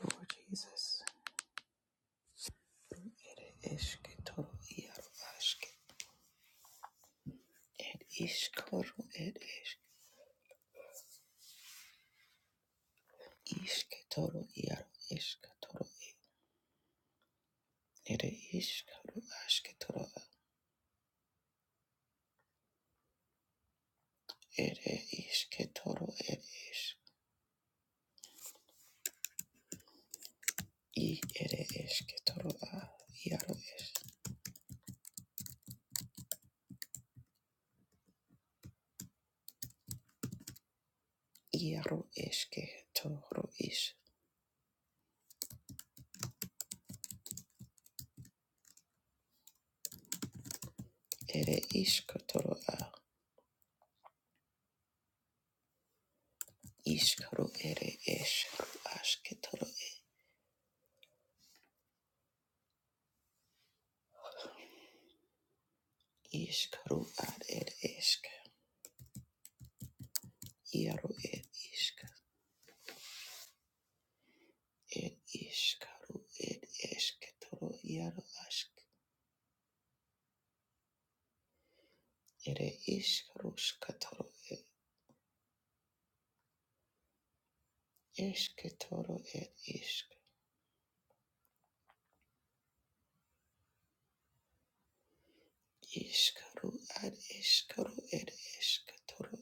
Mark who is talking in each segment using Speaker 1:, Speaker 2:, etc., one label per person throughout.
Speaker 1: Lord Jesus, it is ketoro iaro ashke, it is koro, it is is ketoro iaro is ketoro e, it is koro ashke toro, it is ketoro, it is i it is ketoro a iaro is iaro eske toro is, it is ketoro a is koro, it is ashke toro e, is koro ad it is iaro it is ir iškaru ir išketoro iaro ask ir iškaru skatoro ir išketoro ir išk iškaru ar iškaru ir išketoro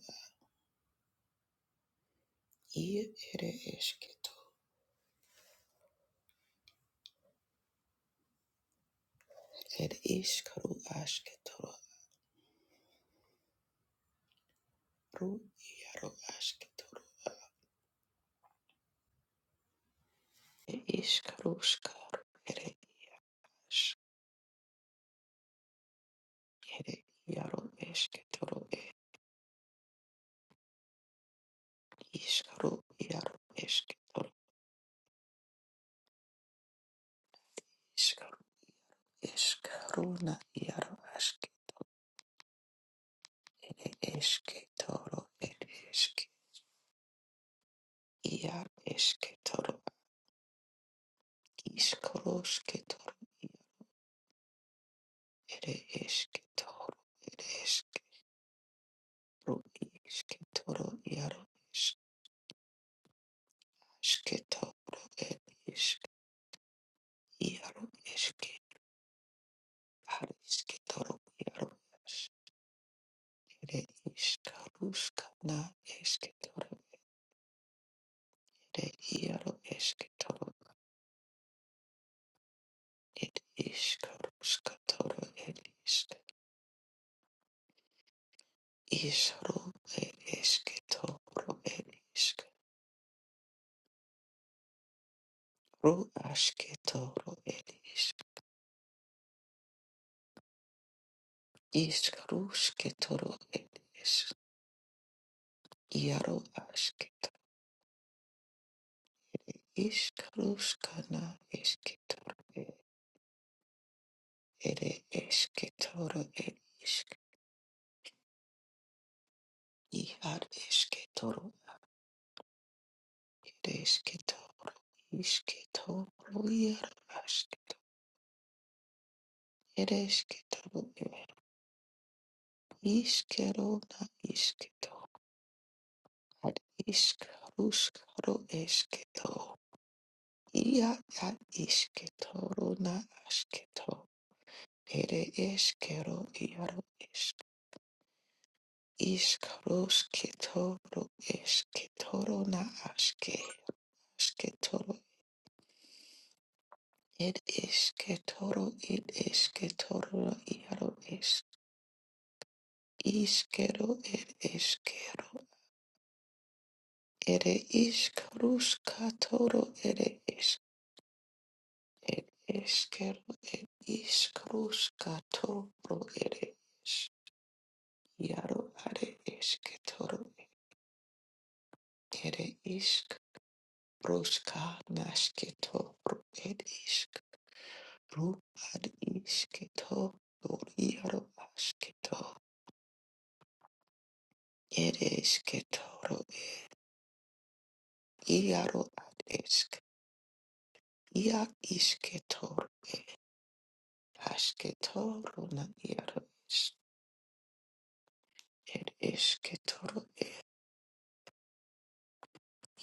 Speaker 1: ir ir išketo ir iškaru asketoro ru iaro asketoro ir iškaru skaru ir iš ir iaro esketoro ir iškaru iaro esketoro iškaru iškaruna iaro ask. Eske toro ed eske ia eske toro iskoroske toro ia ere eske toro ed eske ro iske toro iaro eske toro ed eske iaro eske ar eske toro iaro es- ere iskaruska na eske toro ere iaro eske toro ed iskaruska toro ed iske Ishru el esketoro el isk. Ru asketoro el isk. Iskrusketoro el isk. Iaru asket. Iskruskana esketoro el ere esketoro el isk. Ihar esketoro el esketoro. Isketoro iaru asket. Ere esketoro el iskero na isketo. Ad ishk ruskaro esketo. Ia ad isketoro na asketo. Ere eskero iaro esk. Ishk rusketoro esketoro na aske. Asketoro ed esketoro ed esketoro iaro esk. Iskero ed eskero. Ere ishk ruskatoro ere It is Kero, it is Kruska iaro are Yaro, it is Ketoro, it is Kruska Nasketo, it is Kru, ad Keto, Yaro, Asketo, it is Ketoro, Yaro, it is Ya is Ketor, Asketoro, na Yaro, is it is Ketoro,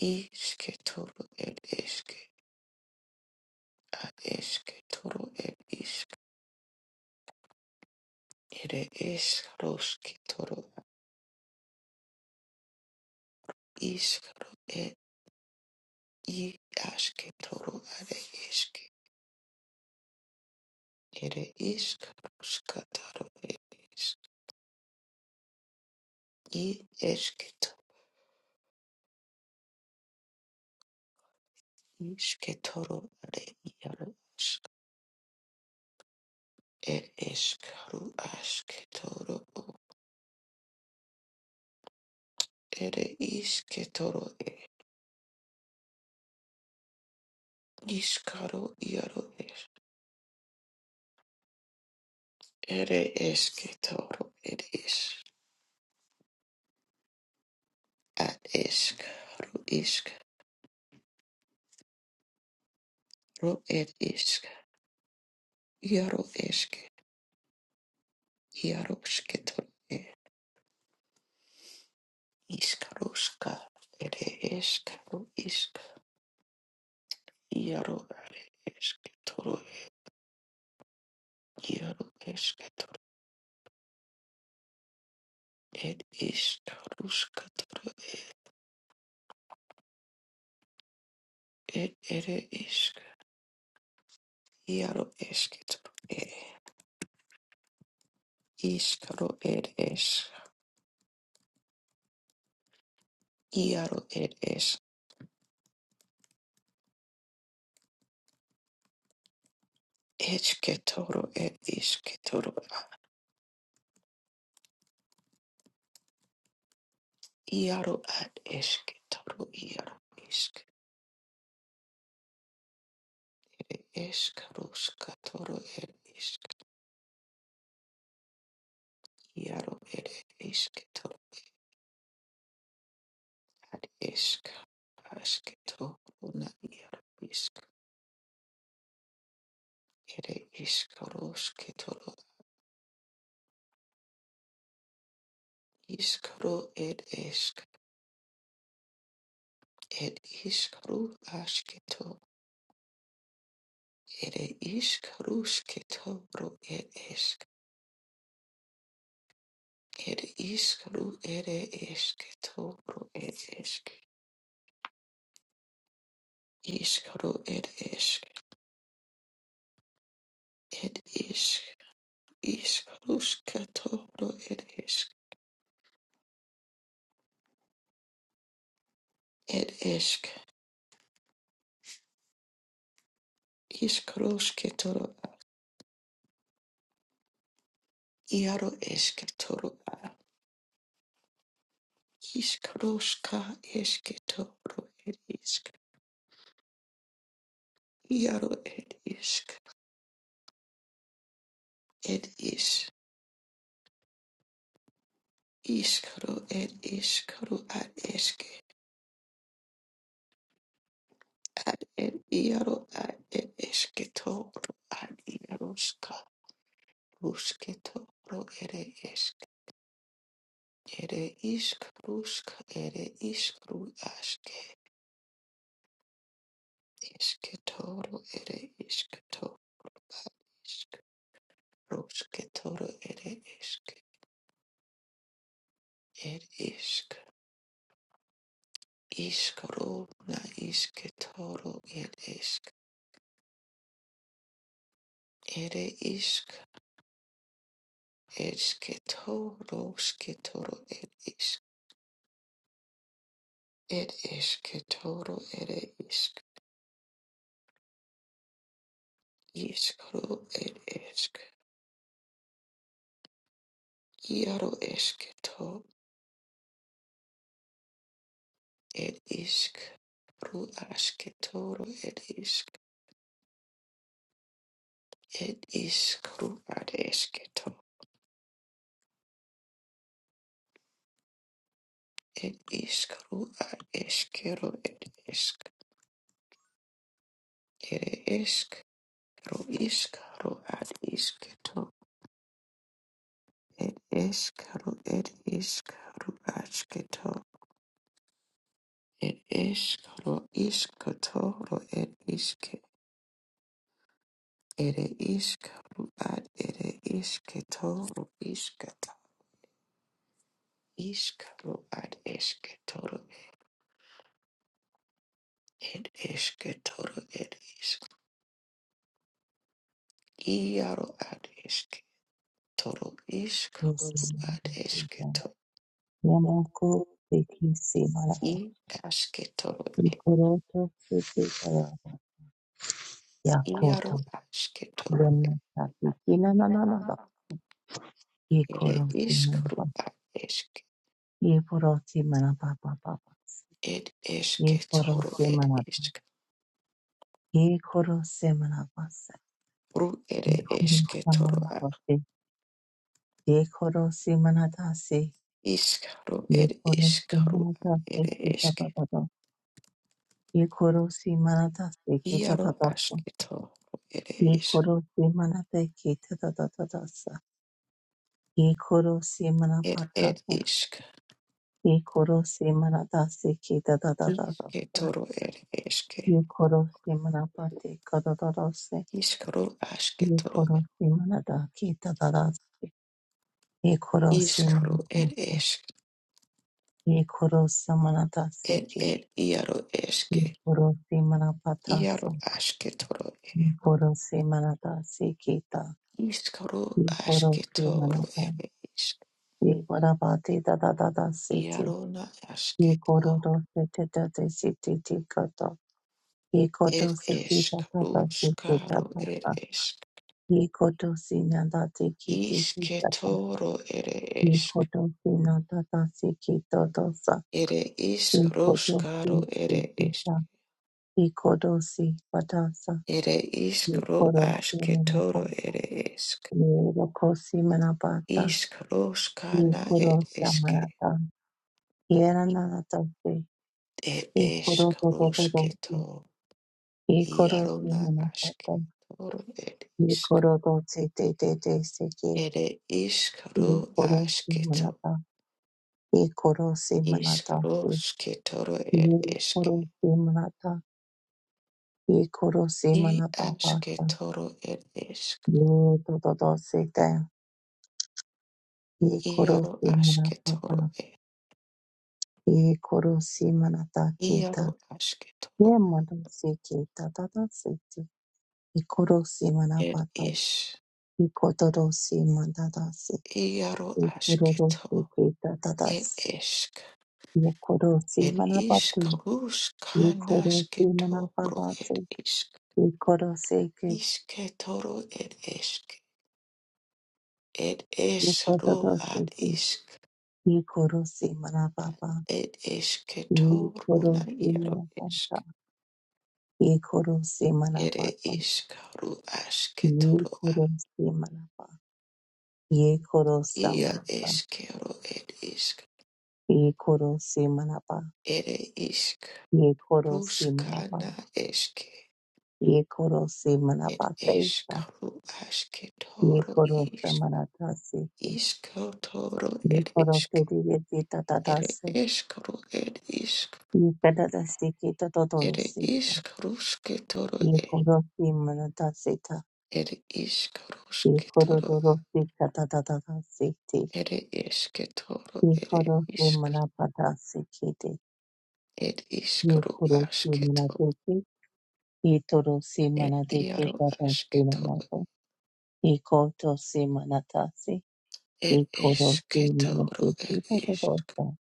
Speaker 1: is Ketoro, it is. Ad eske toro ed isk ere esk roske toro isk ro ed i aske toro are eske ere isk roska toro ed isk i eske to iske toro are iaro ask ed esk ro aske toro o ere iske toro ed isk ro iaro esk ere eske toro ed is ad esk ro er isk, iaro eske, iaro e, iskaroska, ere esk, ro isk, iaro are eske, e, iaro eske, ed isk, ed ere isk, iaro eske, e, iskaro ed es, iaro ed es, eske, ed iske, iaro ad eske, iaro isk. Ishk rushka toro ed ishk yaro ed ishk toro ad ishk ashk toro na yaro ishk ed ishk rushk toro ishk ro ed ishk ed ishk ru ashk to ed ishk rushk toro ed ishk ed ishk ru ed ishk toro ed ishk ishk ro ed ishk ed ishk ishk rushk toro ed ishk Ed eshk, ishkroshke toro, iaro eshke toro, ishkroshka eshke toro, ed ishk, iaro ed ishk, ed ish, ishkro ed ishkro ad eshke, ad ed iaro ad ed eshke toro, ad iaroshka, rushke toro, ere eshk, ere ishkroshka, ere ishkru ashke, eshke toro, ere ishk toro, Rosketoro ere esk Er isk iskoro na isketoro er esk ere isk esketoro sketoro er isk Er esketoro ere isk iskoro er esk iaro esketo er isk ru asketoro er isk Er iskru ad esketo ed iskru ad eskero ed isk Ere eskero iskaro ad isketo. Ed eskaro ed iskaro asketo. Ed eskaro isketo ro ed iske. Ere iskaro ad ere isketo ro iskata. Iskaro ad esketoro ed esketo ro ed isk. Iaro ad esketoro iskaro ad
Speaker 2: Yamako
Speaker 1: esketo.
Speaker 2: Beki Simara
Speaker 1: I asketo.
Speaker 2: Ikoroto Sikara Yakoto
Speaker 1: Iaro ashketoro
Speaker 2: Yamaka Bikina Nanana
Speaker 1: ere
Speaker 2: Ikoro
Speaker 1: iskru
Speaker 2: Simanapa
Speaker 1: a esk
Speaker 2: Ikoro Simanapa Papa
Speaker 1: ed
Speaker 2: Ikoro
Speaker 1: esketoro ed
Speaker 2: Simanapa
Speaker 1: isk
Speaker 2: Ikoro Simanapa
Speaker 1: ru ere
Speaker 2: Ikoro
Speaker 1: esketoro a
Speaker 2: Samanapa Ikoro Simanata Se
Speaker 1: iskaru ed
Speaker 2: Ikoro
Speaker 1: iskaru ad
Speaker 2: Simanata Se
Speaker 1: ere
Speaker 2: Kita
Speaker 1: esk
Speaker 2: Papa Ikoro Simanata Se Kita
Speaker 1: iaro
Speaker 2: Tata
Speaker 1: ashketoro ere
Speaker 2: Ye
Speaker 1: is
Speaker 2: koro se mana te ke ta ta ta ta ta sa. Ye koro se mana
Speaker 1: ed
Speaker 2: pa ta
Speaker 1: ed
Speaker 2: ta.
Speaker 1: isk
Speaker 2: Ye koro se mana ta se ke ta ta ta ta ta sa.
Speaker 1: isketoro ere eske
Speaker 2: Ye koro se mana pa te ka ta ta ta se.
Speaker 1: iskaru
Speaker 2: Ye
Speaker 1: ashketoro
Speaker 2: koro se mana ta ke ta ta ta se. Ye koro se
Speaker 1: iskru
Speaker 2: mana ta.
Speaker 1: ed esk
Speaker 2: Ye koro se mana ta se
Speaker 1: ed
Speaker 2: ke.
Speaker 1: ed iaro
Speaker 2: Ye
Speaker 1: eske
Speaker 2: koro se mana pa ta
Speaker 1: iaro
Speaker 2: sa.
Speaker 1: ashketoro
Speaker 2: Ye koro se mana ta se ke ta.
Speaker 1: Iskaro
Speaker 2: Ye koro se mana
Speaker 1: asketoro
Speaker 2: ta.
Speaker 1: ere isk.
Speaker 2: Ye koro pa te ta ta ta ta se te.
Speaker 1: Iarona
Speaker 2: He
Speaker 1: asketo.
Speaker 2: kororo se te te te si He
Speaker 1: Er
Speaker 2: koto si ti
Speaker 1: esk.
Speaker 2: ta ta ta si
Speaker 1: Ruskaro er esk.
Speaker 2: He koto si na da ti ki
Speaker 1: Isketoro ere
Speaker 2: He
Speaker 1: esk.
Speaker 2: koto si na ta ta si ki to to sa.
Speaker 1: Ere
Speaker 2: He
Speaker 1: isk
Speaker 2: koto si
Speaker 1: ruskaro
Speaker 2: ti
Speaker 1: ere esk.
Speaker 2: He koto si pa ta sa.
Speaker 1: Ere isk
Speaker 2: He koro si
Speaker 1: asketoro ere esk.
Speaker 2: He roko si me na pa ta.
Speaker 1: Isk
Speaker 2: He
Speaker 1: ruskana er
Speaker 2: koro sa ma
Speaker 1: eske.
Speaker 2: na ta. He ra na si.
Speaker 1: Er
Speaker 2: He koro
Speaker 1: esk
Speaker 2: to to to to si.
Speaker 1: rusketo.
Speaker 2: He koro si
Speaker 1: Iarona
Speaker 2: me na pa ta.
Speaker 1: asketoro er isk.
Speaker 2: Ikoro dotsi te te te seke.
Speaker 1: Ere isk
Speaker 2: Ikoro si
Speaker 1: asketoro
Speaker 2: manata. Ikoro si manata.
Speaker 1: Ishkarosh ketoro ed eshk.
Speaker 2: Ikoro si manata. Ikoro si
Speaker 1: I
Speaker 2: manapa pata.
Speaker 1: ashketoro ed eshk.
Speaker 2: Ye to to to se te. Ikoro
Speaker 1: Iaro
Speaker 2: si manapa
Speaker 1: ashketoro
Speaker 2: ta.
Speaker 1: ed.
Speaker 2: Ikoro si manata kita.
Speaker 1: Iaro ashketoro
Speaker 2: Ye mano se kita ta ta se te. Ikoro si
Speaker 1: ed
Speaker 2: manapa ta.
Speaker 1: ish.
Speaker 2: Ikoro si manata se.
Speaker 1: Iaro
Speaker 2: Ikoro si
Speaker 1: ashketo
Speaker 2: kita ta ta
Speaker 1: ed
Speaker 2: se.
Speaker 1: eshk.
Speaker 2: Ye koro si
Speaker 1: Ed
Speaker 2: manapa
Speaker 1: ishkarosh
Speaker 2: Yikorosi
Speaker 1: kanashketoro ed
Speaker 2: manababate,
Speaker 1: ishk.
Speaker 2: yikoroseke,
Speaker 1: Ishketoro ed eshk. Ed eshro ad
Speaker 2: yikododoseke,
Speaker 1: ishk.
Speaker 2: yikorosi manababa,
Speaker 1: Ed eshketoro na
Speaker 2: yikorosi
Speaker 1: iaro
Speaker 2: manabata,
Speaker 1: eshk.
Speaker 2: yikorosi
Speaker 1: Ere
Speaker 2: manabata,
Speaker 1: iskaru asketoro a
Speaker 2: yikorosi manaba, yikorosa
Speaker 1: ia
Speaker 2: manaba,
Speaker 1: eskero ed isk.
Speaker 2: yikorosi manaba,
Speaker 1: Ere isk
Speaker 2: yikorosi manaba,
Speaker 1: ruskana eske.
Speaker 2: yikorosi
Speaker 1: Ed
Speaker 2: manabateka,
Speaker 1: eskaru asketoro
Speaker 2: yikorosa
Speaker 1: isk.
Speaker 2: manataseke,
Speaker 1: Iskotoro ed isk.
Speaker 2: yikorosi
Speaker 1: Ere
Speaker 2: tatase,
Speaker 1: eskaru ed isk.
Speaker 2: Ikadadasiki
Speaker 1: Ere
Speaker 2: totodorosika.
Speaker 1: isk rusketoro e.
Speaker 2: Ikorosi manadasita.
Speaker 1: Ere isk rusketoro.
Speaker 2: Ikododorosi katadadadasiti.
Speaker 1: Ere esketoro ere
Speaker 2: Ikorosi
Speaker 1: isk.
Speaker 2: manapadasikiti.
Speaker 1: Ed iskaru
Speaker 2: Ikorosi
Speaker 1: asketoro.
Speaker 2: manadeki. Itorosi
Speaker 1: It
Speaker 2: manadeki
Speaker 1: iaro
Speaker 2: tadasi
Speaker 1: asketo.
Speaker 2: manata. Ikotosi manatasi.
Speaker 1: It
Speaker 2: Ikorosi
Speaker 1: esketoro. It
Speaker 2: manadeki
Speaker 1: isk.
Speaker 2: totodosa.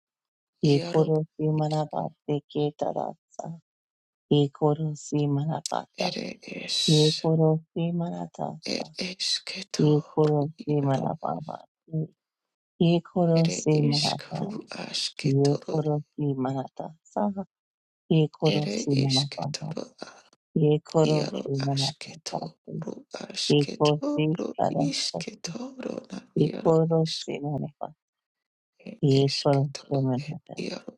Speaker 1: Iaro
Speaker 2: Ikorosi
Speaker 1: isk.
Speaker 2: manabasiki tadasa. Ikorosi manabata.
Speaker 1: Ere es.
Speaker 2: Ikorosi manatasa.
Speaker 1: It
Speaker 2: ye
Speaker 1: esketoro.
Speaker 2: koro se
Speaker 1: Iaro.
Speaker 2: marababa, ye koro
Speaker 1: Ere
Speaker 2: se marata,
Speaker 1: iskru
Speaker 2: ye
Speaker 1: asketoro.
Speaker 2: koro se marata sa, ye koro
Speaker 1: Ere
Speaker 2: se marababa,
Speaker 1: isketoro.
Speaker 2: ye koro
Speaker 1: Iaro
Speaker 2: se marata sa,
Speaker 1: asketoro.
Speaker 2: ye koro se
Speaker 1: Asketoro.
Speaker 2: karasa,
Speaker 1: Isketoro. Na
Speaker 2: ye
Speaker 1: iaro
Speaker 2: koro
Speaker 1: isk.
Speaker 2: se maraba,
Speaker 1: It
Speaker 2: ye koro se
Speaker 1: esketoro. It
Speaker 2: manata,
Speaker 1: iaro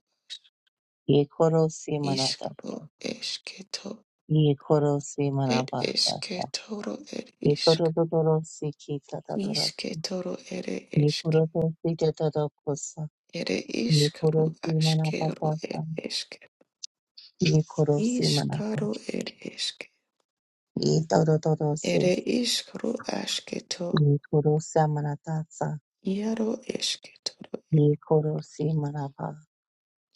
Speaker 2: ye koro se manata sa,
Speaker 1: iskro esketo.
Speaker 2: ye koro se
Speaker 1: It
Speaker 2: maraba sa sa,
Speaker 1: esketoro. It
Speaker 2: ye
Speaker 1: isk.
Speaker 2: koro do do ro se ki ta ta ta ra se,
Speaker 1: Ishke toro ere
Speaker 2: ye
Speaker 1: eske.
Speaker 2: koro do se ta ta ta ko sa,
Speaker 1: Ere
Speaker 2: ye
Speaker 1: ishkaru
Speaker 2: koro se manaba
Speaker 1: ashkeru
Speaker 2: ta
Speaker 1: ere
Speaker 2: sa.
Speaker 1: eske.
Speaker 2: Ye koro si manata.
Speaker 1: Ishkaru ere eske.
Speaker 2: Ye todo todo si.
Speaker 1: Ere ishkaru ashketo.
Speaker 2: Ye koro si manatasa.
Speaker 1: Iaro eske toro
Speaker 2: Ye koro si manapa.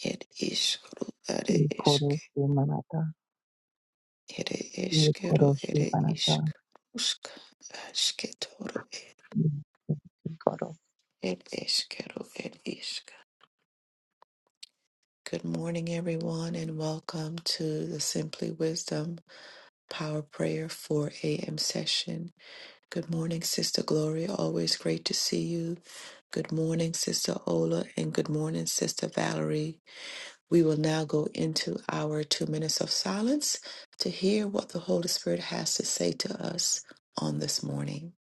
Speaker 1: ere ishkaru are
Speaker 2: Ye koro
Speaker 1: eske.
Speaker 2: si manata.
Speaker 1: Ere
Speaker 2: Ye
Speaker 1: eskero
Speaker 2: koro si
Speaker 1: ere ishk.
Speaker 2: manata.
Speaker 1: Usk ashketoro
Speaker 2: Ye koro.
Speaker 1: ere eskero ere ishk. Good morning, everyone, and welcome to the Simply Wisdom Power Prayer 4 a.m. session. Good morning, Sister Glory. Always great to see you. Good morning, Sister Ola, and good morning, Sister Valerie. We will now go into our two minutes of silence to hear what the Holy Spirit has to say to us on this morning.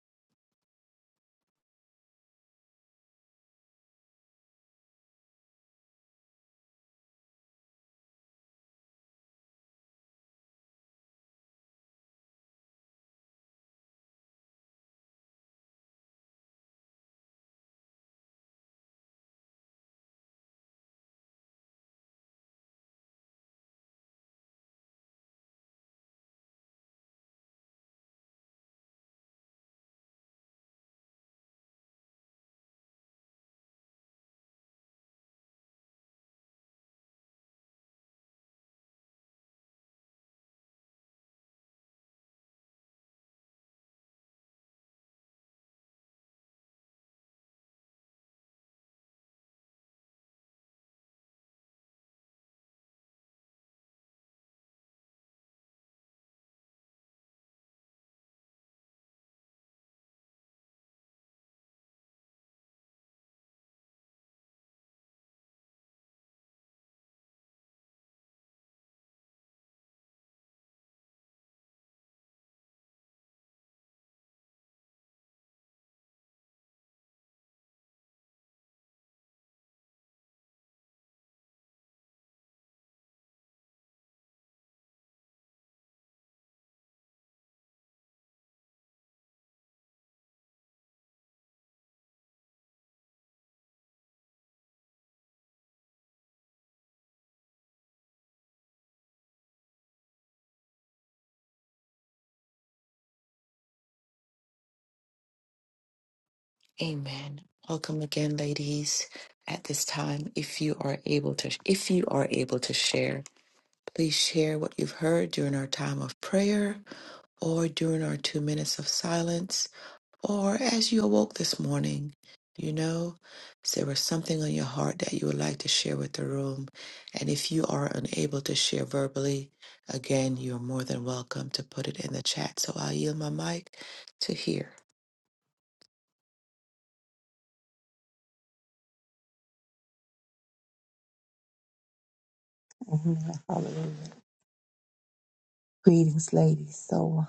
Speaker 1: Amen. Welcome again, ladies. At this time, if you are able to, if you are able to share, please share what you've heard during our time of prayer or during our two minutes of silence Or as you awoke this morning, you know, is there was something on your heart that you would like to share with the room. And if you are unable to share verbally, again, you are more than welcome to put it in the chat. So I'll yield my mic to hear.
Speaker 2: Amen. Hallelujah. Greetings, ladies. So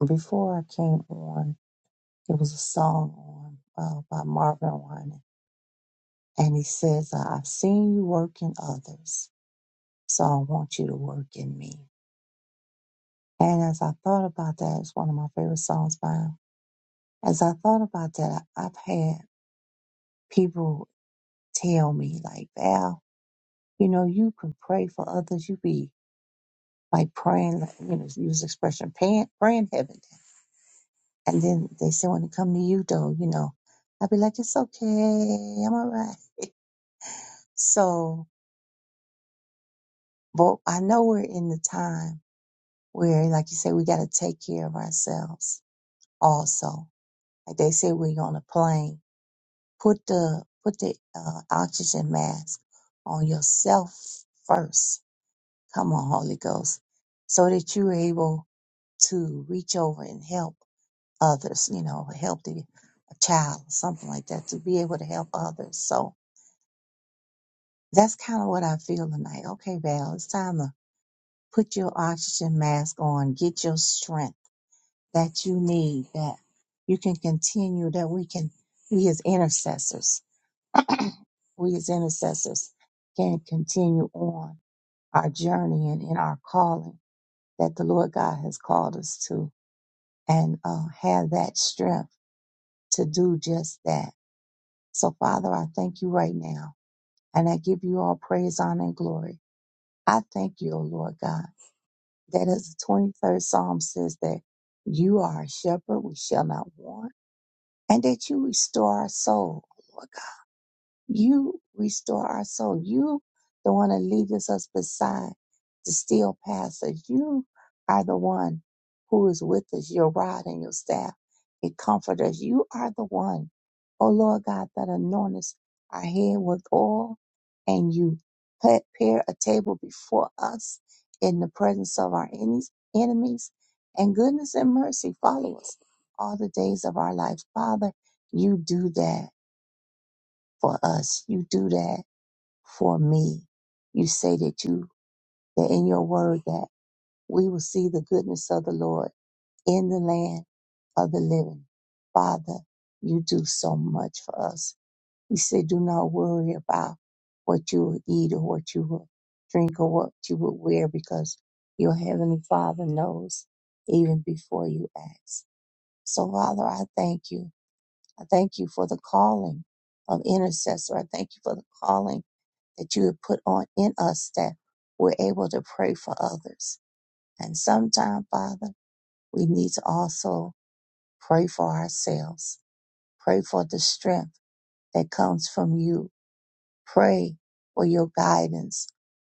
Speaker 2: uh, before I came on, there was a song on uh, by Marvin Winans, and he says, "I've seen you work in others, so I want you to work in me." And as I thought about that, it's one of my favorite songs by him As I thought about that, I- I've had people tell me, like, Val, you know, you can pray for others. You be like praying, like, you know, use the expression, praying, praying heaven. down." And then they say, when it come to you, though, you know, I'd be like, it's okay. I'm all right. So, but I know we're in the time where, like you say, we got to take care of ourselves also. Like they say, we're on a plane put the put the uh, oxygen mask on yourself first. Come on, Holy Ghost, so that you're able to reach over and help others. You know, help the a child, something like that, to be able to help others. So that's kind of what I feel tonight. Okay, Val, it's time to put your oxygen mask on. Get your strength that you need. That you can continue. That we can be as intercessors we as intercessors can continue on our journey and in our calling that the Lord God has called us to and uh, have that strength to do just that. So, Father, I thank you right now and I give you all praise, honor, and glory. I thank you, O Lord God, that as the 23rd Psalm says that you are a shepherd, we shall not want, and that you restore our soul, O Lord God. You restore our soul. You the one that leadeth us beside the still pastures. You are the one who is with us, your rod and your staff. It comforts us. You are the one, O Lord God, that anointest our head with oil and you prepare a table before us in the presence of our enemies, enemies and goodness and mercy follow us all the days of our life. Father, you do that for us. You do that for me. You say that you, that in your word that we will see the goodness of the Lord in the land of the living. Father, you do so much for us. You say, do not worry about what you will eat or what you will drink or what you will wear because your heavenly father knows even before you ask. So Father, I thank you I thank you for the calling of intercessor. I thank you for the calling that you have put on in us that we're able to pray for others. And sometimes, Father, we need to also pray for ourselves, pray for the strength that comes from you, pray for your guidance,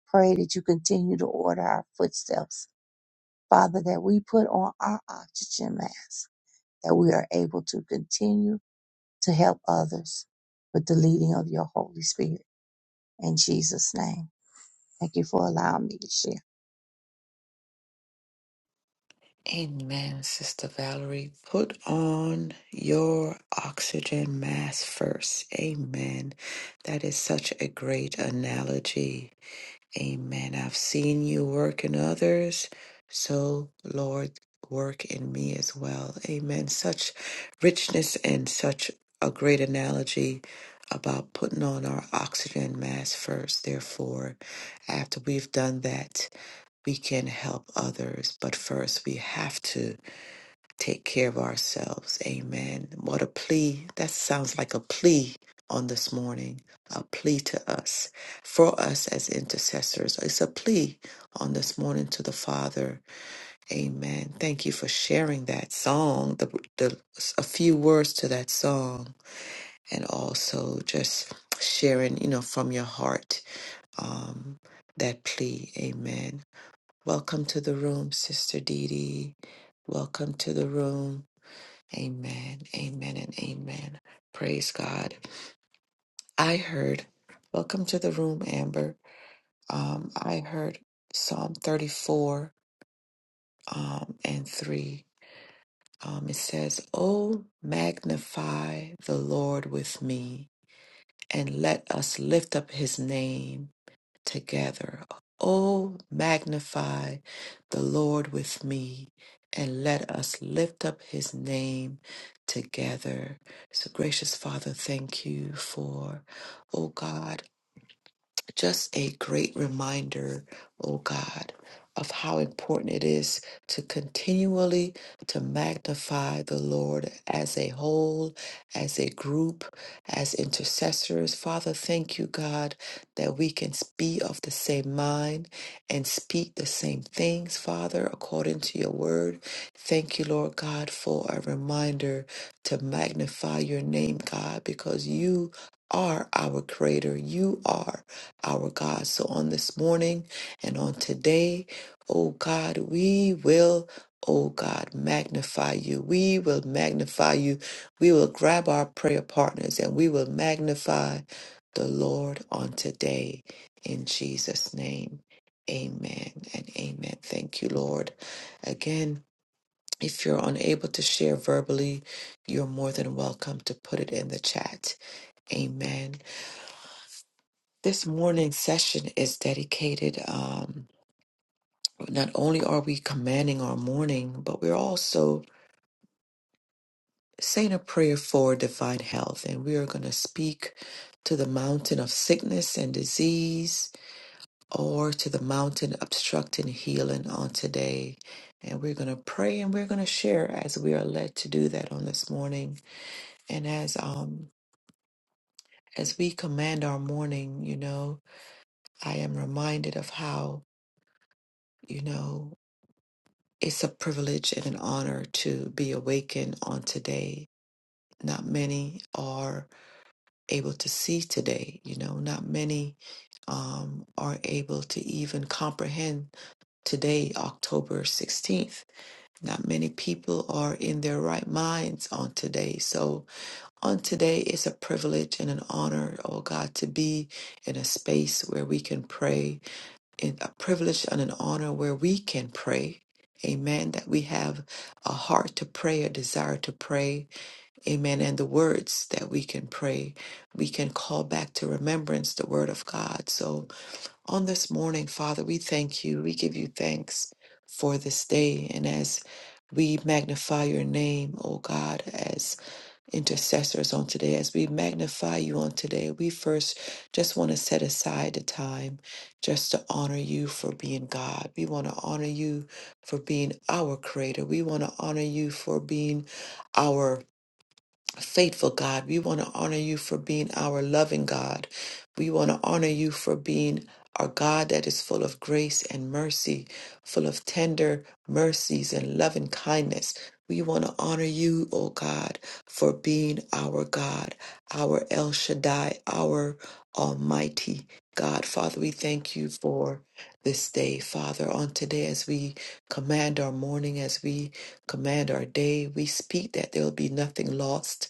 Speaker 2: pray that you continue to order our footsteps. Father, that we put on our oxygen mask, that we are able to continue to help others with the leading of your Holy Spirit. In Jesus' name, thank you for allowing me to share.
Speaker 1: Amen, Sister Valerie. Put on your oxygen mask first. Amen. That is such a great analogy Amen. I've seen you work in others. So, Lord, work in me as well. Amen. Such richness and such a great analogy about putting on our oxygen mask first. Therefore, after we've done that, we can help others. But first, we have to take care of ourselves. Amen. What a plea. That sounds like a plea on this morning, a plea to us, for us as intercessors. It's a plea on this morning to the Father. Amen. Thank you for sharing that song, the, the a few words to that song, and also just sharing, you know, from your heart um, that plea. Amen. Welcome to the room, Sister Dee Dee. Welcome to the room. Amen, amen, and amen. Praise God. I heard, welcome to the room, Amber. Um, I heard Psalm 34 um, and 3. Um, it says, Oh, magnify the Lord with me, and let us lift up his name together. Oh, magnify the Lord with me and let us lift up his name together. So, gracious Father, thank you for, oh God just a great reminder, oh God, of how important it is to continually to magnify the Lord as a whole, as a group, as intercessors. Father, thank you, God, that we can be of the same mind and speak the same things, Father, according to your word. Thank you, Lord God, for a reminder to magnify your name, God, because you are our creator. You are our God. So on this morning and on today, oh God, we will, oh God, magnify you. We will magnify you. We will grab our prayer partners and we will magnify the Lord on today in Jesus' name. Amen and amen. Thank you, Lord. Again, if you're unable to share verbally, you're more than welcome to put it in the chat. Amen. This morning session is dedicated. Um, not only are we commanding our morning, but we're also saying a prayer for divine health. And we are going to speak to the mountain of sickness and disease or to the mountain obstructing healing on today. And we're going to pray and we're going to share as we are led to do that on this morning. And as, um, as we command our morning, you know, I am reminded of how, you know, It's a privilege and an honor to be awakened on today. Not many are able to see today, you know, not many um, are able to even comprehend today, October 16th. Not many people are in their right minds on today. So, on today, it's a privilege and an honor, oh God, to be in a space where we can pray and a privilege and an honor where we can pray. Amen. That we have a heart to pray, a desire to pray. Amen. And the words that we can pray, we can call back to remembrance the word of God. So on this morning, Father, we thank you. We give you thanks for this day. And as we magnify your name, O God, intercessors on today. As we magnify you on today, we first just want to set aside the time just to honor you for being God. We want to honor you for being our creator. We want to honor you for being our faithful God. We want to honor you for being our loving God. We want to honor you for being our God that is full of grace and mercy, full of tender mercies and loving kindness. We want to honor you, O God, for being our God, our El Shaddai, our Almighty God. Father, we thank you for this day, Father. On today, as we command our morning, as we command our day, we speak that there will be nothing lost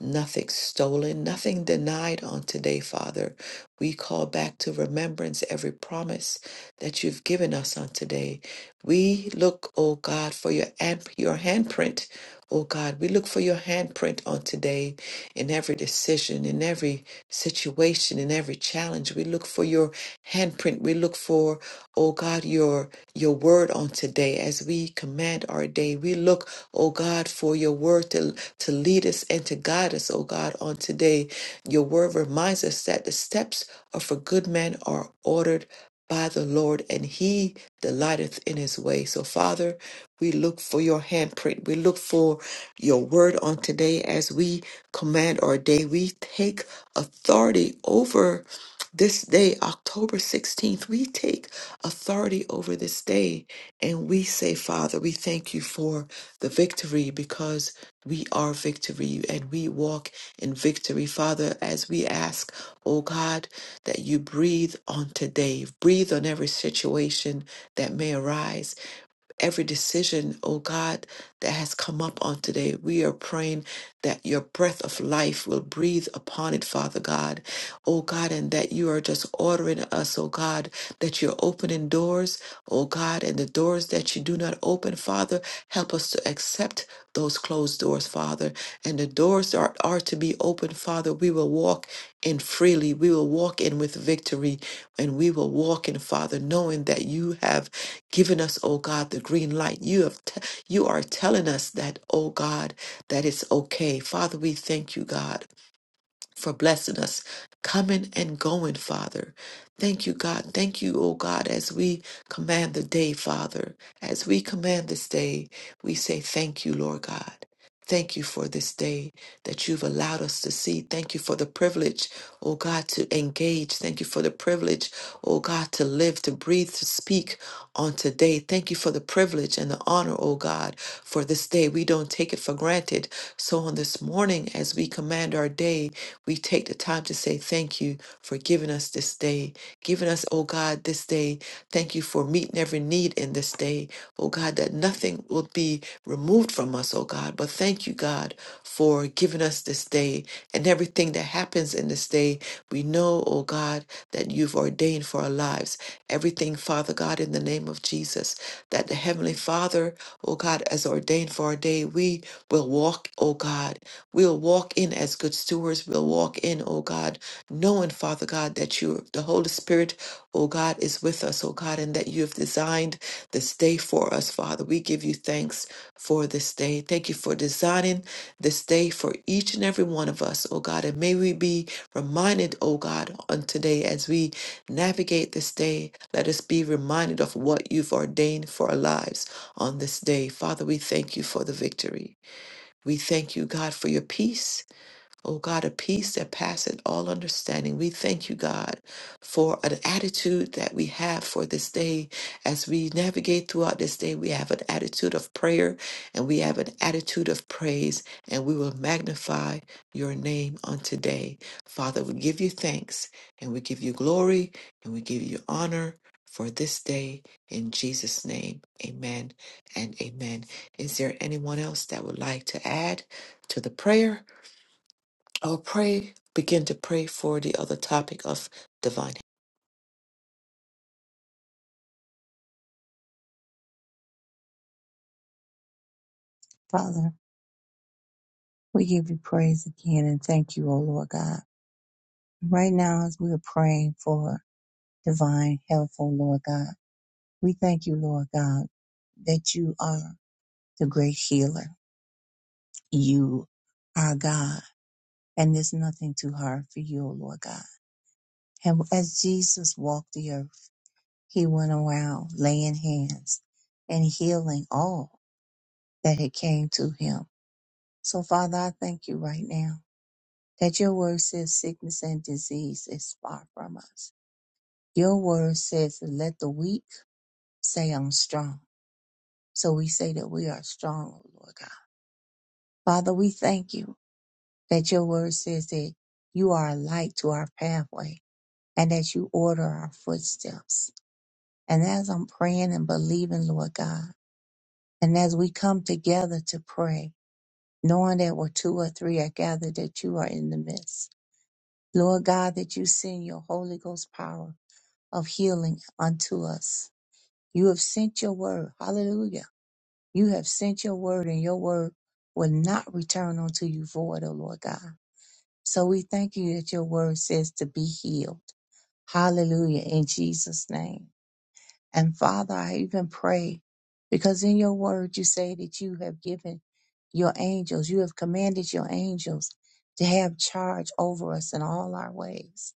Speaker 1: nothing stolen, nothing denied on today, Father. We call back to remembrance every promise that you've given us on today. We look, oh God, for your hand, your handprint. Oh God, we look for your handprint on today in every decision, in every situation, in every challenge. We look for your handprint. We look for, oh God, your your word on today as we command our day. We look, oh God, for your word to to lead us and to guide us, oh God, on today. Your word reminds us that the steps of a good man are ordered by the Lord, and he delighteth in his way. So, Father, we look for your handprint. We look for your word on today as we command our day. We take authority over this day, October 16th. We take authority over this day and we say, Father, we thank you for the victory because we are victory and we walk in victory. Father, as we ask, oh God, that you breathe on today, breathe on every situation that may arise, every decision, oh God, that has come up on today. We are praying that your breath of life will breathe upon it, Father God. Oh God, and that you are just ordering us, oh God, that you're opening doors, oh God, and the doors that you do not open, Father, help us to accept those closed doors, Father. And the doors that are, are to be opened, Father, we will walk in freely. We will walk in with victory, and we will walk in, Father, knowing that you have given us, oh God, the green light. You have te- you are telling us that, oh God, that it's okay. Father, we thank you, God for blessing us, coming and going, Father. Thank you, God. Thank you, O God, as we command the day, Father. As we command this day, we say thank you, Lord God. Thank you for this day that you've allowed us to see. Thank you for the privilege, O God, to engage. Thank you for the privilege, O God, to live, to breathe, to speak on today. Thank you for the privilege and the honor, O God, for this day. We don't take it for granted. So on this morning, as we command our day, we take the time to say thank you for giving us this day, giving us, oh God, this day. Thank you for meeting every need in this day, oh God, that nothing will be removed from us, oh God. But thank you, God, for giving us this day and everything that happens in this day. We know, oh God, that you've ordained for our lives. Everything, Father God, in the name of Jesus, that the Heavenly Father, oh God, has ordained for our day. We will walk, oh God, We'll walk in as good stewards. We'll walk in, oh God, knowing, Father God, that you, the Holy Spirit, oh God, is with us, oh God, and that you have designed this day for us, Father. We give you thanks for this day. Thank you for designing this day for each and every one of us, oh God. And may we be reminded, oh God, on today as we navigate this day, let us be reminded of what you've ordained for our lives on this day. Father, we thank you for the victory. We thank you, God, for your peace. Oh God, a peace that passeth all understanding. We thank you, God, for an attitude that we have for this day. As we navigate throughout this day, we have an attitude of prayer and we have an attitude of praise, and we will magnify your name on today. Father, we give you thanks and we give you glory and we give you honor for this day in Jesus' name. Amen and amen. Is there anyone else that would like to add to the prayer? I'll pray, begin to pray for the other topic of divine. health.
Speaker 2: Father, we give you praise again and thank you, O Lord God. Right now, as we are praying for divine health, O Lord God, we thank you, Lord God, that you are the great healer. You are God, and there's nothing too hard for you, O Lord God. And as Jesus walked the earth, he went around laying hands and healing all that had came to him. So Father, I thank you right now that your word says sickness and disease is far from us. Your word says, let the weak say I'm strong. So we say that we are strong, O Lord God. Father, we thank you that your word says that you are a light to our pathway and that you order our footsteps. And as I'm praying and believing, Lord God, and as we come together to pray, knowing that where two or three are gathered, that you are in the midst. Lord God, that you send your Holy Ghost power of healing unto us. You have sent your word. Hallelujah. You have sent your word, and your word will not return unto you void, O Lord God. So we thank you that your word says to be healed. Hallelujah. In Jesus' name. And Father, I even pray because in your word you say that you have given your angels, you have commanded your angels to have charge over us in all our ways.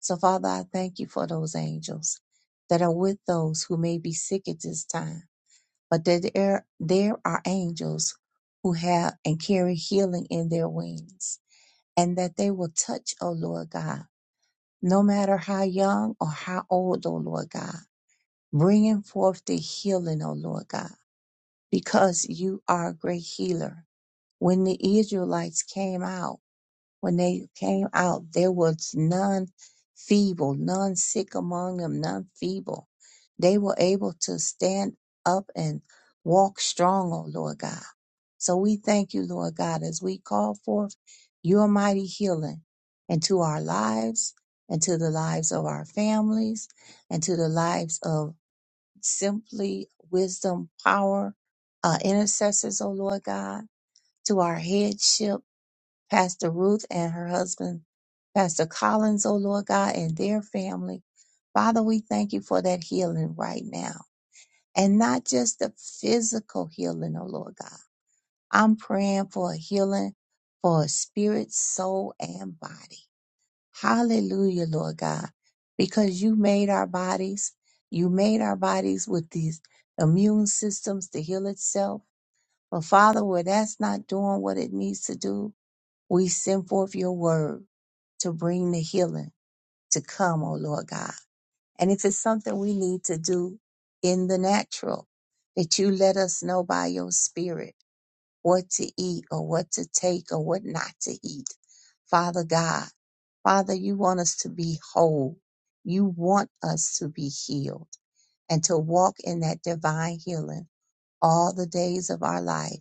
Speaker 2: So, Father, I thank you for those angels that are with those who may be sick at this time, but that there, there are angels who have and carry healing in their wings, and that they will touch, O Lord God, no matter how young or how old, O Lord God bringing forth the healing, O Lord God, because you are a great healer. When the Israelites came out, when they came out, there was none feeble, none sick among them, none feeble. They were able to stand up and walk strong, O Lord God. So we thank you, Lord God, as we call forth your mighty healing into our lives and to the lives of our families and to the lives of simply wisdom, power, uh, intercessors, oh Lord God, to our headship, Pastor Ruth and her husband, Pastor Collins, oh Lord God, and their family. Father, we thank you for that healing right now. And not just the physical healing, oh Lord God. I'm praying for a healing for spirit, soul, and body. Hallelujah, Lord God, because you made our bodies. You made our bodies with these immune systems to heal itself. But Father, where that's not doing what it needs to do, we send forth your word to bring the healing to come, oh Lord God. And if it's something we need to do in the natural, that you let us know by your spirit what to eat or what to take or what not to eat. Father God, Father, you want us to be whole. You want us to be healed and to walk in that divine healing all the days of our life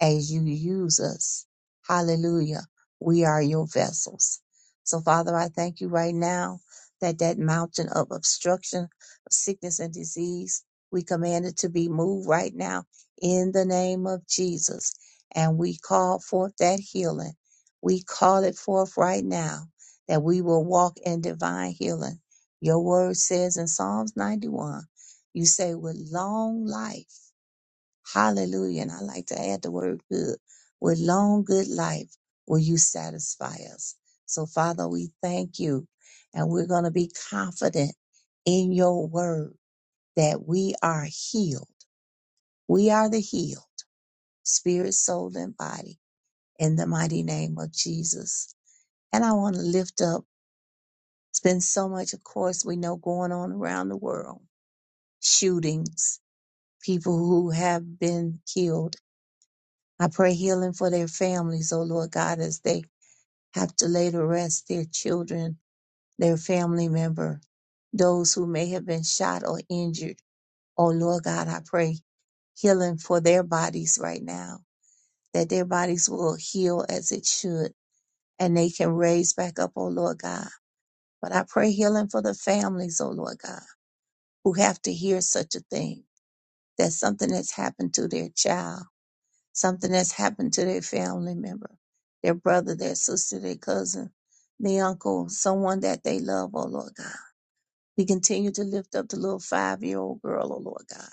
Speaker 2: as you use us. Hallelujah. We are your vessels. So, Father, I thank you right now that that mountain of obstruction, of sickness and disease, we command it to be moved right now in the name of Jesus. And we call forth that healing. We call it forth right now that we will walk in divine healing. Your word says in Psalms 91, you say, with long life. Hallelujah. And I like to add the word good. With long, good life will you satisfy us. So, Father, we thank you. And we're going to be confident in your word that we are healed. We are the healed, spirit, soul, and body, in the mighty name of Jesus. And I want to lift up, it's been so much, of course, we know going on around the world shootings, people who have been killed I pray healing for their families, oh Lord God, as they have to lay to rest their children, their family member, those who may have been shot or injured. Oh Lord God, I pray healing for their bodies right now, that their bodies will heal as it should and they can raise back up, oh Lord God. But I pray healing for the families, oh Lord God, who have to hear such a thing, that something has happened to their child something that's happened to their family member, their brother, their sister, their cousin, their uncle, someone that they love, oh Lord God. We continue to lift up the little five year old girl, oh Lord God,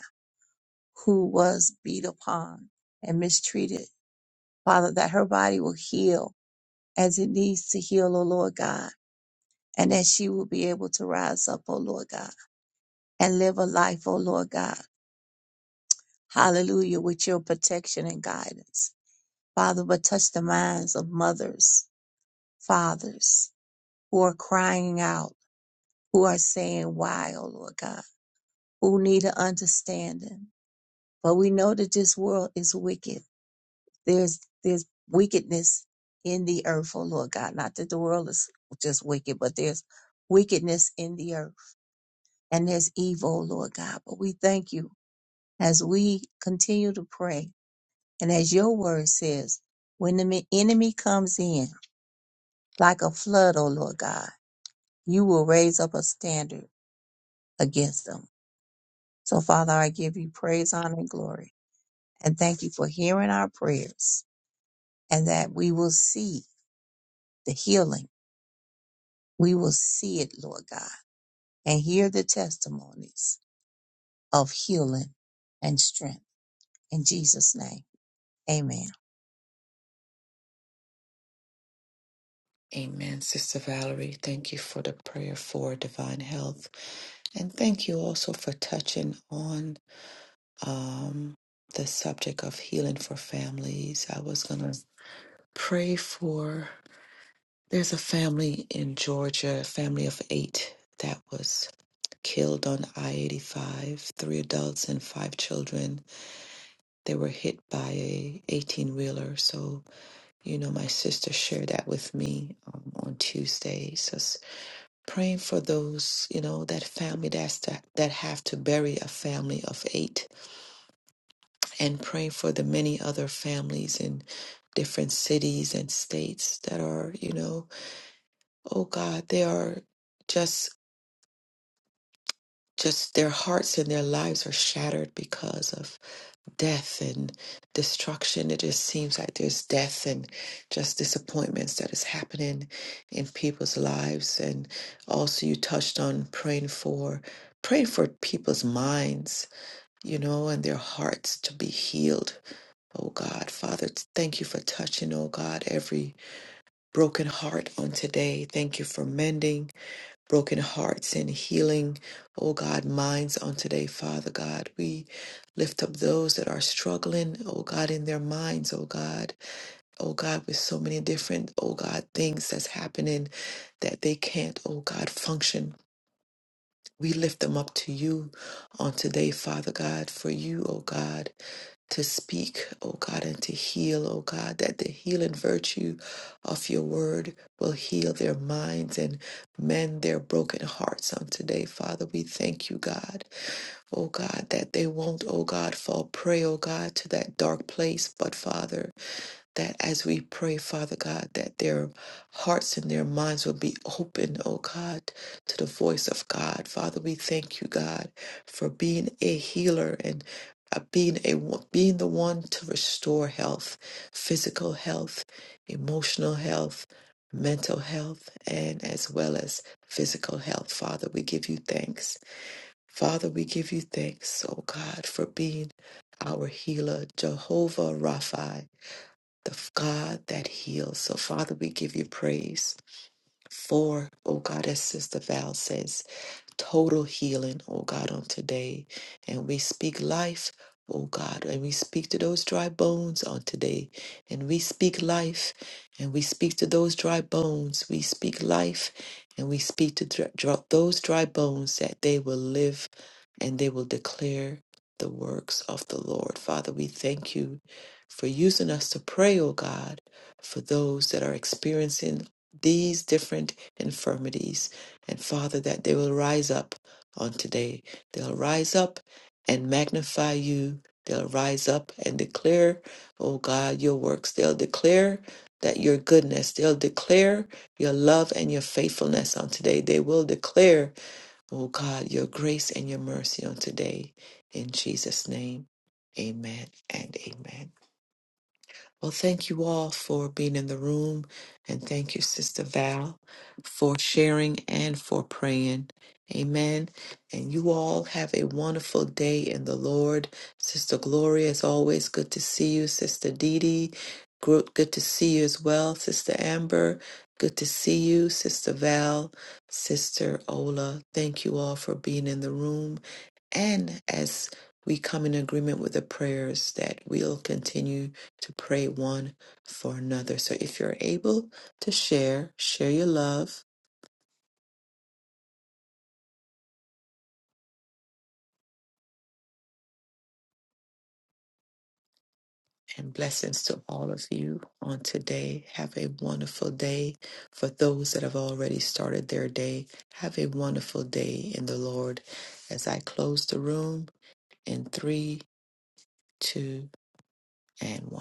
Speaker 2: who was beat upon and mistreated. Father, that her body will heal as it needs to heal, oh Lord God, and that she will be able to rise up, oh Lord God, and live a life, oh Lord God. Hallelujah, with your protection and guidance. Father, but touch the minds of mothers fathers who are crying out, who are saying, Why, oh Lord God, who need an understanding. But we know that this world is wicked. There's there's wickedness in the earth, oh Lord God. Not that the world is just wicked, but there's wickedness in the earth and there's evil, oh Lord God. But we thank you as we continue to pray. And as your word says, when the enemy comes in like a flood, oh Lord God, you will raise up a standard against them. So, Father, I give you praise, honor, and glory. And thank you for hearing our prayers and that we will see the healing. We will see it, Lord God, and hear the testimonies of healing and strength. In Jesus' name, amen.
Speaker 1: Amen. Sister Valerie, thank you for the prayer for divine health. And thank you also for touching on um, the subject of healing for families. I was going to pray for, there's a family in Georgia, a family of eight that was killed on I 85, three adults and five children. They were hit by a 18 wheeler. So You know, my sister shared that with me um, on Tuesdays. Just praying for those, you know, that family that's to, that have to bury a family of eight, and praying for the many other families in different cities and states that are, you know, oh God, they are just just their hearts and their lives are shattered because of death and destruction. It just seems like there's death and just disappointments that is happening in people's lives. And also, you touched on praying for praying for people's minds, you know, and their hearts to be healed. Oh God, Father, thank you for touching, oh God, every broken heart on today. Thank you for mending broken hearts and healing, oh God, minds on today, Father God. We lift up those that are struggling, oh God, in their minds, oh God, oh God, with so many different, oh God, things that's happening that they can't, oh God, function. We lift them up to you on today, Father God, for you, oh God to speak, oh God, and to heal, oh God, that the healing virtue of your word will heal their minds and mend their broken hearts on today. Father, we thank you, God, oh God, that they won't, oh God, fall prey, oh God, to that dark place, but Father, that as we pray, Father God, that their hearts and their minds will be open, oh God, to the voice of God. Father, we thank you, God, for being a healer and uh, being a being the one to restore health, physical health, emotional health, mental health, and as well as physical health. Father, we give you thanks. Father, we give you thanks, oh God, for being our healer, Jehovah Rapha the God that heals. So, Father, we give you praise for, oh God, as Sister Val says total healing, oh God, on today. And we speak life, oh God, and we speak to those dry bones on today. And we speak life, and we speak to those dry bones. We speak life, and we speak to dr- dr- those dry bones that they will live and they will declare the works of the Lord. Father, we thank you for using us to pray, oh God, for those that are experiencing these different infirmities and Father, that they will rise up on today. They'll rise up and magnify you. They'll rise up and declare, oh God, your works. They'll declare that your goodness. They'll declare your love and your faithfulness on today. They will declare, oh God, your grace and your mercy on today. In Jesus' name, amen and amen. Well, thank you all for being in the room. And thank you, Sister Val, for sharing and for praying. Amen. And you all have a wonderful day in the Lord. Sister Gloria, As always good to see you. Sister Dee Dee, gro- good to see you as well. Sister Amber, good to see you. Sister Val, Sister Ola, thank you all for being in the room. And as we come in agreement with the prayers that we'll continue to pray one for another. So if you're able to share, share your love and blessings to all of you on today. Have a wonderful day. For those that have already started their day, have a wonderful day in the Lord. As I close the room in three, two, and one.